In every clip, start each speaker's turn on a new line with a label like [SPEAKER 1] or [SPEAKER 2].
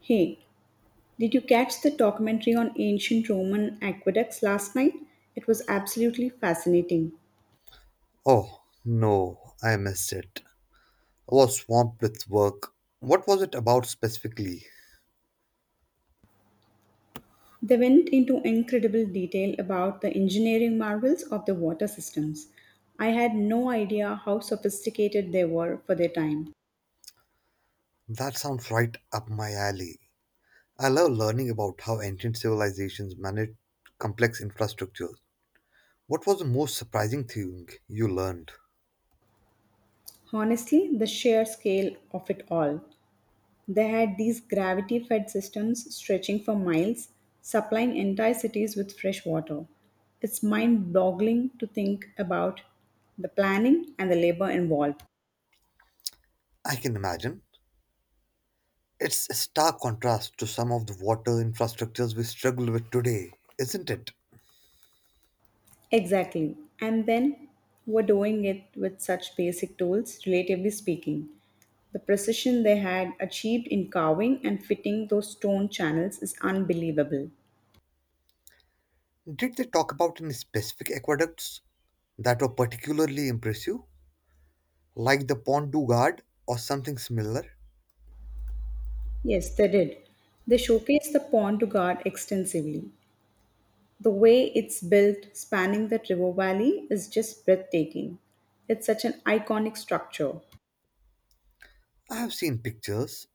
[SPEAKER 1] Hey, did you catch the documentary on ancient Roman aqueducts last night? It was absolutely fascinating.
[SPEAKER 2] Oh, no, I missed it. I was swamped with work. What was it about specifically?
[SPEAKER 1] They went into incredible detail about the engineering marvels of the water systems. I had no idea how sophisticated they were for their time.
[SPEAKER 2] That sounds right up my alley. I love learning about how ancient civilizations managed complex infrastructures. What was the most surprising thing you learned?
[SPEAKER 1] Honestly, the sheer scale of it all. They had these gravity fed systems stretching for miles, supplying entire cities with fresh water. It's mind boggling to think about the planning and the labor involved.
[SPEAKER 2] I can imagine. It's a stark contrast to some of the water infrastructures we struggle with today, isn't it?
[SPEAKER 1] Exactly. And then we're doing it with such basic tools, relatively speaking. The precision they had achieved in carving and fitting those stone channels is unbelievable.
[SPEAKER 2] Did they talk about any specific aqueducts that were particularly impressive, like the Pont du Gard or something similar?
[SPEAKER 1] Yes, they did. They showcased the pond to guard extensively. The way it's built, spanning the river valley, is just breathtaking. It's such an iconic structure.
[SPEAKER 2] I have seen pictures,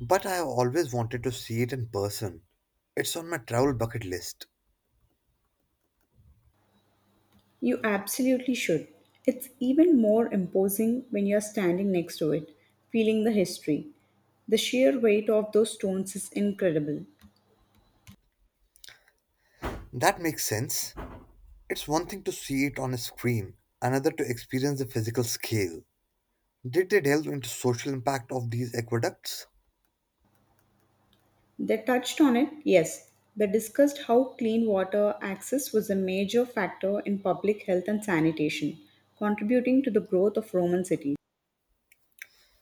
[SPEAKER 2] but I have always wanted to see it in person. It's on my travel bucket list.
[SPEAKER 1] You absolutely should. It's even more imposing when you're standing next to it, feeling the history. The sheer weight of those stones is incredible.
[SPEAKER 2] That makes sense. It's one thing to see it on a screen, another to experience the physical scale. Did they delve into social impact of these aqueducts?
[SPEAKER 1] They touched on it, yes. They discussed how clean water access was a major factor in public health and sanitation, contributing to the growth of Roman cities.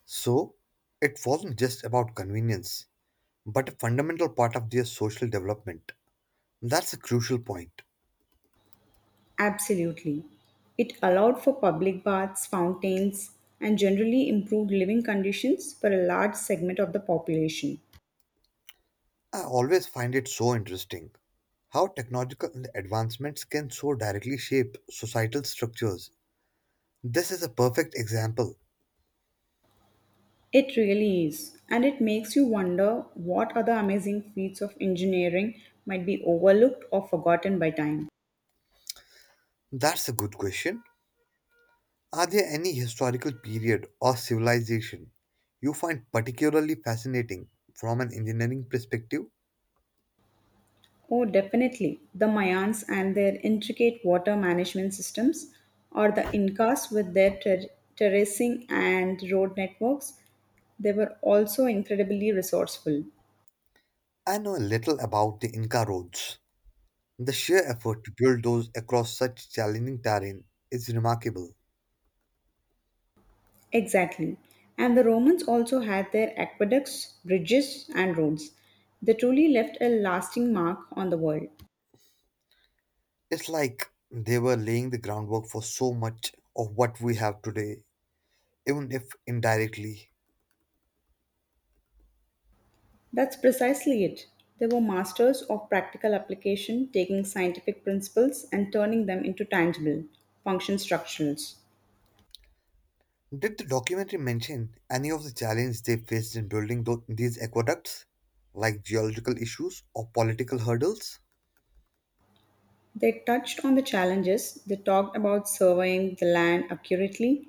[SPEAKER 2] So, it wasn't just about convenience, but a fundamental part of their social development. That's a crucial point.
[SPEAKER 1] Absolutely. It allowed for public baths, fountains, and generally improved living conditions for a large segment of the population.
[SPEAKER 2] I always find it so interesting how technological advancements can so directly shape societal structures. This is a perfect example.
[SPEAKER 1] It really is, and it makes you wonder what other amazing feats of engineering might be overlooked or forgotten by time.
[SPEAKER 2] That's a good question. Are there any historical period or civilization you find particularly fascinating from an engineering perspective?
[SPEAKER 1] Oh, definitely. The Mayans and their intricate water management systems, or the Incas with their terracing and road networks, they were also incredibly resourceful.
[SPEAKER 2] I know a little about the Inca roads. The sheer effort to build those across such challenging terrain is remarkable.
[SPEAKER 1] Exactly. And the Romans also had their aqueducts, bridges, and roads. They truly left a lasting mark on the world.
[SPEAKER 2] It's like they were laying the groundwork for so much of what we have today, even if indirectly.
[SPEAKER 1] That's precisely it. They were masters of practical application, taking scientific principles and turning them into tangible, function structurals.
[SPEAKER 2] Did the documentary mention any of the challenges they faced in building these aqueducts, like geological issues or political hurdles?
[SPEAKER 1] They touched on the challenges, they talked about surveying the land accurately,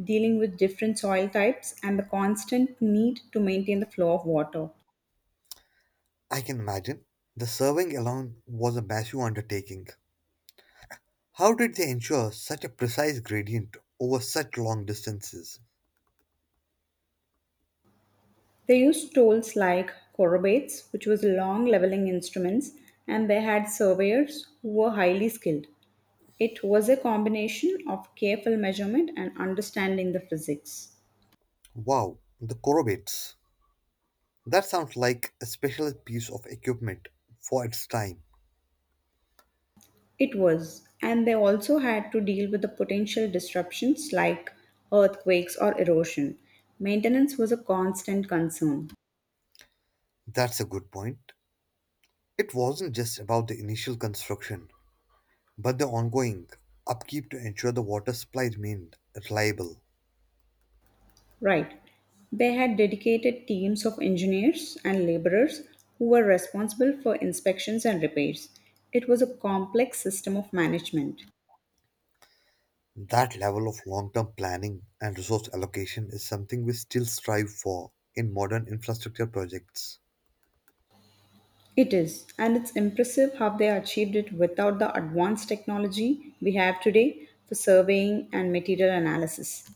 [SPEAKER 1] dealing with different soil types, and the constant need to maintain the flow of water.
[SPEAKER 2] I can imagine. The surveying alone was a massive undertaking. How did they ensure such a precise gradient over such long distances?
[SPEAKER 1] They used tools like chorobates, which was long leveling instruments, and they had surveyors who were highly skilled. It was a combination of careful measurement and understanding the physics.
[SPEAKER 2] Wow, the Korobates. That sounds like a special piece of equipment for its time.
[SPEAKER 1] It was, and they also had to deal with the potential disruptions like earthquakes or erosion. Maintenance was a constant concern.
[SPEAKER 2] That's a good point. It wasn't just about the initial construction, but the ongoing upkeep to ensure the water supply remained reliable.
[SPEAKER 1] Right. They had dedicated teams of engineers and laborers who were responsible for inspections and repairs. It was a complex system of management.
[SPEAKER 2] That level of long term planning and resource allocation is something we still strive for in modern infrastructure projects.
[SPEAKER 1] It is, and it's impressive how they achieved it without the advanced technology we have today for surveying and material analysis.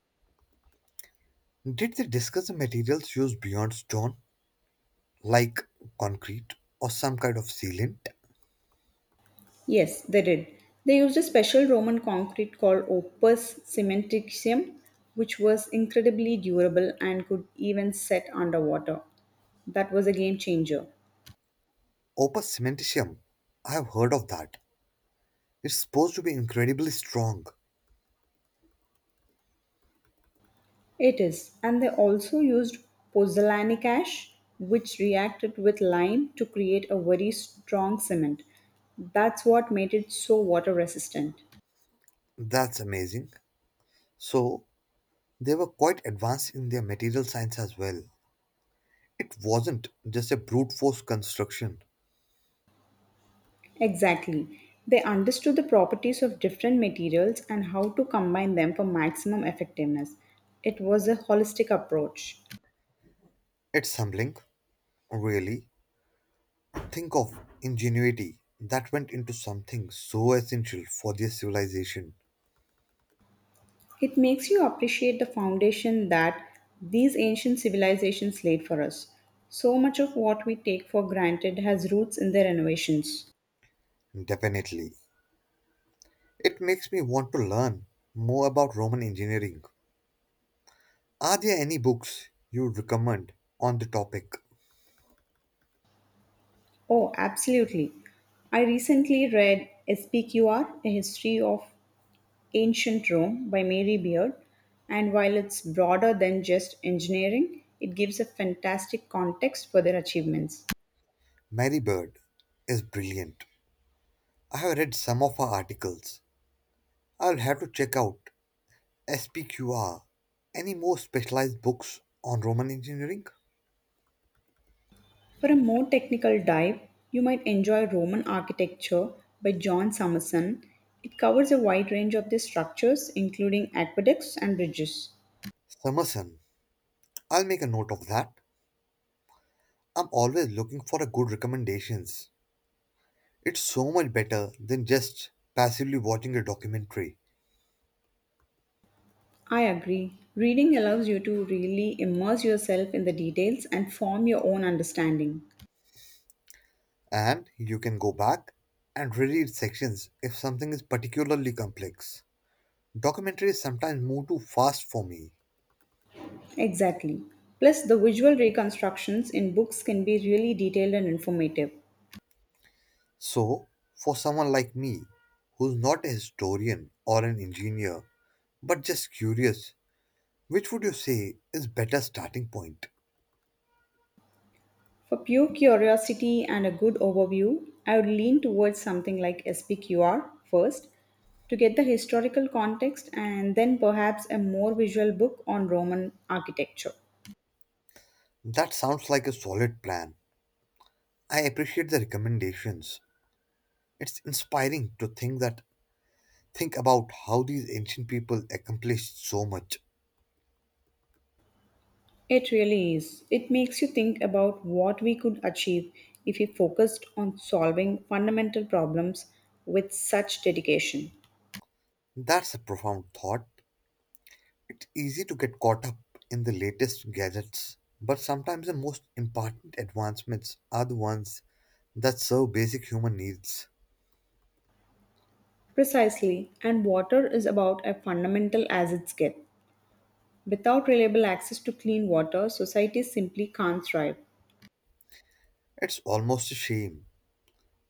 [SPEAKER 2] Did they discuss the materials used beyond stone, like concrete or some kind of sealant?
[SPEAKER 1] Yes, they did. They used a special Roman concrete called opus cementitium, which was incredibly durable and could even set underwater. That was a game changer.
[SPEAKER 2] Opus cementitium, I have heard of that. It's supposed to be incredibly strong.
[SPEAKER 1] It is, and they also used pozzolanic ash, which reacted with lime to create a very strong cement. That's what made it so water resistant.
[SPEAKER 2] That's amazing. So, they were quite advanced in their material science as well. It wasn't just a brute force construction.
[SPEAKER 1] Exactly. They understood the properties of different materials and how to combine them for maximum effectiveness. It was a holistic approach.
[SPEAKER 2] It's humbling, really. Think of ingenuity that went into something so essential for their civilization.
[SPEAKER 1] It makes you appreciate the foundation that these ancient civilizations laid for us. So much of what we take for granted has roots in their innovations.
[SPEAKER 2] Definitely. It makes me want to learn more about Roman engineering. Are there any books you would recommend on the topic?
[SPEAKER 1] Oh, absolutely. I recently read SPQR, A History of Ancient Rome by Mary Beard, and while it's broader than just engineering, it gives a fantastic context for their achievements.
[SPEAKER 2] Mary Bird is brilliant. I have read some of her articles. I'll have to check out SPQR. Any more specialized books on Roman engineering?
[SPEAKER 1] For a more technical dive, you might enjoy Roman Architecture by John Summerson. It covers a wide range of their structures, including aqueducts and bridges.
[SPEAKER 2] Summerson, I'll make a note of that. I'm always looking for a good recommendations. It's so much better than just passively watching a documentary.
[SPEAKER 1] I agree. Reading allows you to really immerse yourself in the details and form your own understanding.
[SPEAKER 2] And you can go back and reread sections if something is particularly complex. Documentaries sometimes move too fast for me.
[SPEAKER 1] Exactly. Plus, the visual reconstructions in books can be really detailed and informative.
[SPEAKER 2] So, for someone like me, who's not a historian or an engineer, but just curious, which would you say is better starting point?
[SPEAKER 1] For pure curiosity and a good overview, I would lean towards something like SPQR first to get the historical context and then perhaps a more visual book on Roman architecture.
[SPEAKER 2] That sounds like a solid plan. I appreciate the recommendations. It's inspiring to think that think about how these ancient people accomplished so much.
[SPEAKER 1] It really is. It makes you think about what we could achieve if we focused on solving fundamental problems with such dedication.
[SPEAKER 2] That's a profound thought. It's easy to get caught up in the latest gadgets, but sometimes the most important advancements are the ones that serve basic human needs.
[SPEAKER 1] Precisely, and water is about as fundamental as it gets. Without reliable access to clean water, societies simply can't thrive.
[SPEAKER 2] It's almost a shame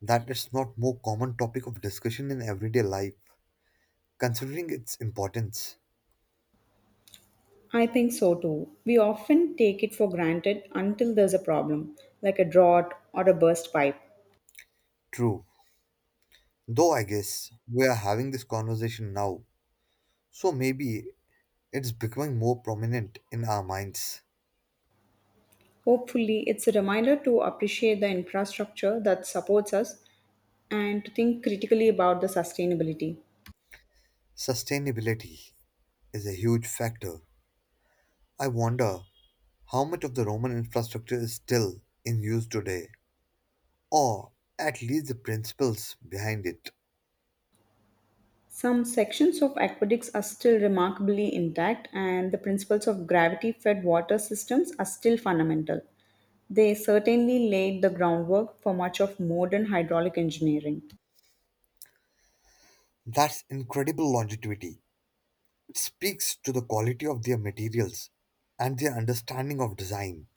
[SPEAKER 2] that it's not more common topic of discussion in everyday life, considering its importance.
[SPEAKER 1] I think so too. We often take it for granted until there's a problem, like a drought or a burst pipe.
[SPEAKER 2] True. Though I guess we are having this conversation now, so maybe it's becoming more prominent in our minds.
[SPEAKER 1] Hopefully, it's a reminder to appreciate the infrastructure that supports us and to think critically about the sustainability.
[SPEAKER 2] Sustainability is a huge factor. I wonder how much of the Roman infrastructure is still in use today, or at least the principles behind it.
[SPEAKER 1] Some sections of aqueducts are still remarkably intact, and the principles of gravity fed water systems are still fundamental. They certainly laid the groundwork for much of modern hydraulic engineering.
[SPEAKER 2] That's incredible longevity. It speaks to the quality of their materials and their understanding of design.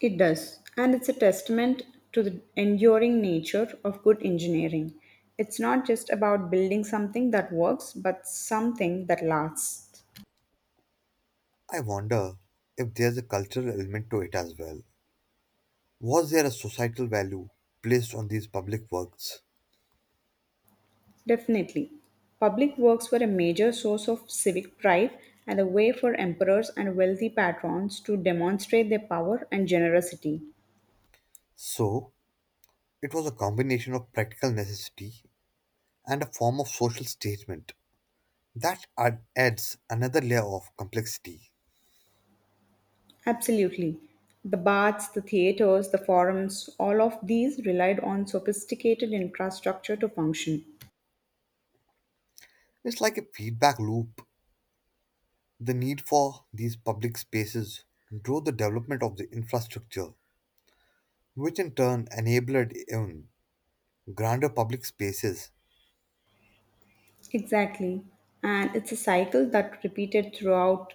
[SPEAKER 1] It does, and it's a testament to the enduring nature of good engineering. It's not just about building something that works, but something that lasts.
[SPEAKER 2] I wonder if there's a cultural element to it as well. Was there a societal value placed on these public works?
[SPEAKER 1] Definitely. Public works were a major source of civic pride and a way for emperors and wealthy patrons to demonstrate their power and generosity.
[SPEAKER 2] So, it was a combination of practical necessity and a form of social statement. That adds another layer of complexity.
[SPEAKER 1] Absolutely. The baths, the theatres, the forums, all of these relied on sophisticated infrastructure to function.
[SPEAKER 2] It's like a feedback loop. The need for these public spaces drove the development of the infrastructure, which in turn enabled even grander public spaces.
[SPEAKER 1] Exactly. And it's a cycle that repeated throughout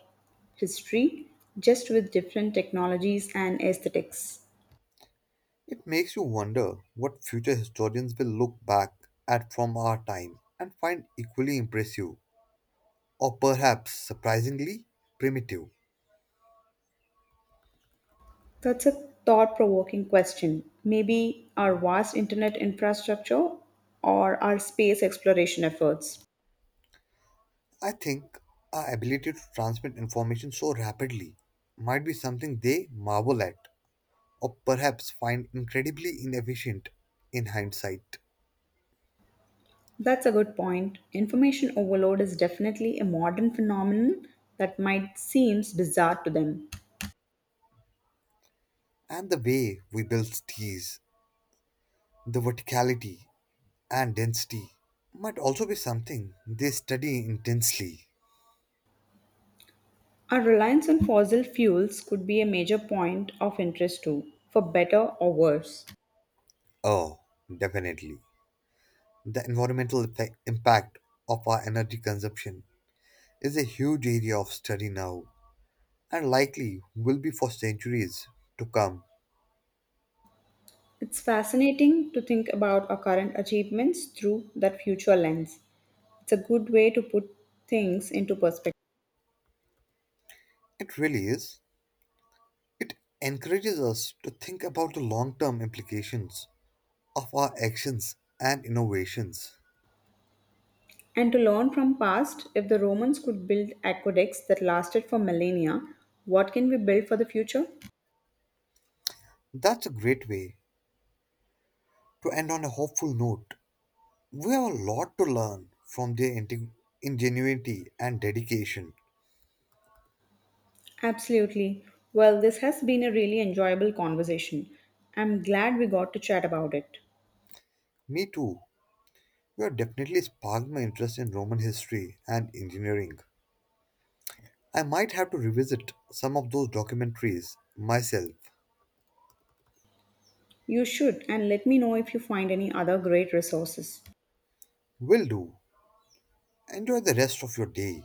[SPEAKER 1] history, just with different technologies and aesthetics.
[SPEAKER 2] It makes you wonder what future historians will look back at from our time and find equally impressive, or perhaps surprisingly primitive.
[SPEAKER 1] That's a thought provoking question. Maybe our vast internet infrastructure or our space exploration efforts.
[SPEAKER 2] I think our ability to transmit information so rapidly might be something they marvel at, or perhaps find incredibly inefficient in hindsight.
[SPEAKER 1] That's a good point. Information overload is definitely a modern phenomenon that might seem bizarre to them.
[SPEAKER 2] And the way we build cities, the verticality and density, might also be something they study intensely.
[SPEAKER 1] Our reliance on fossil fuels could be a major point of interest too, for better or worse.
[SPEAKER 2] Oh, definitely. The environmental effect, impact of our energy consumption is a huge area of study now, and likely will be for centuries to come.
[SPEAKER 1] It's fascinating to think about our current achievements through that future lens. It's a good way to put things into perspective.
[SPEAKER 2] It really is. It encourages us to think about the long term implications of our actions and innovations.
[SPEAKER 1] And to learn from past, if the Romans could build aqueducts that lasted for millennia, what can we build for the future?
[SPEAKER 2] That's a great way to end on a hopeful note. We have a lot to learn from their ingenuity and dedication.
[SPEAKER 1] Absolutely. Well, this has been a really enjoyable conversation. I'm glad we got to chat about it.
[SPEAKER 2] Me too. You have definitely sparked my interest in Roman history and engineering. I might have to revisit some of those documentaries myself.
[SPEAKER 1] You should, and let me know if you find any other great resources.
[SPEAKER 2] Will do. Enjoy the rest of your day.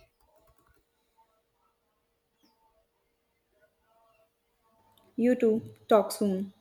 [SPEAKER 1] You too. Talk soon.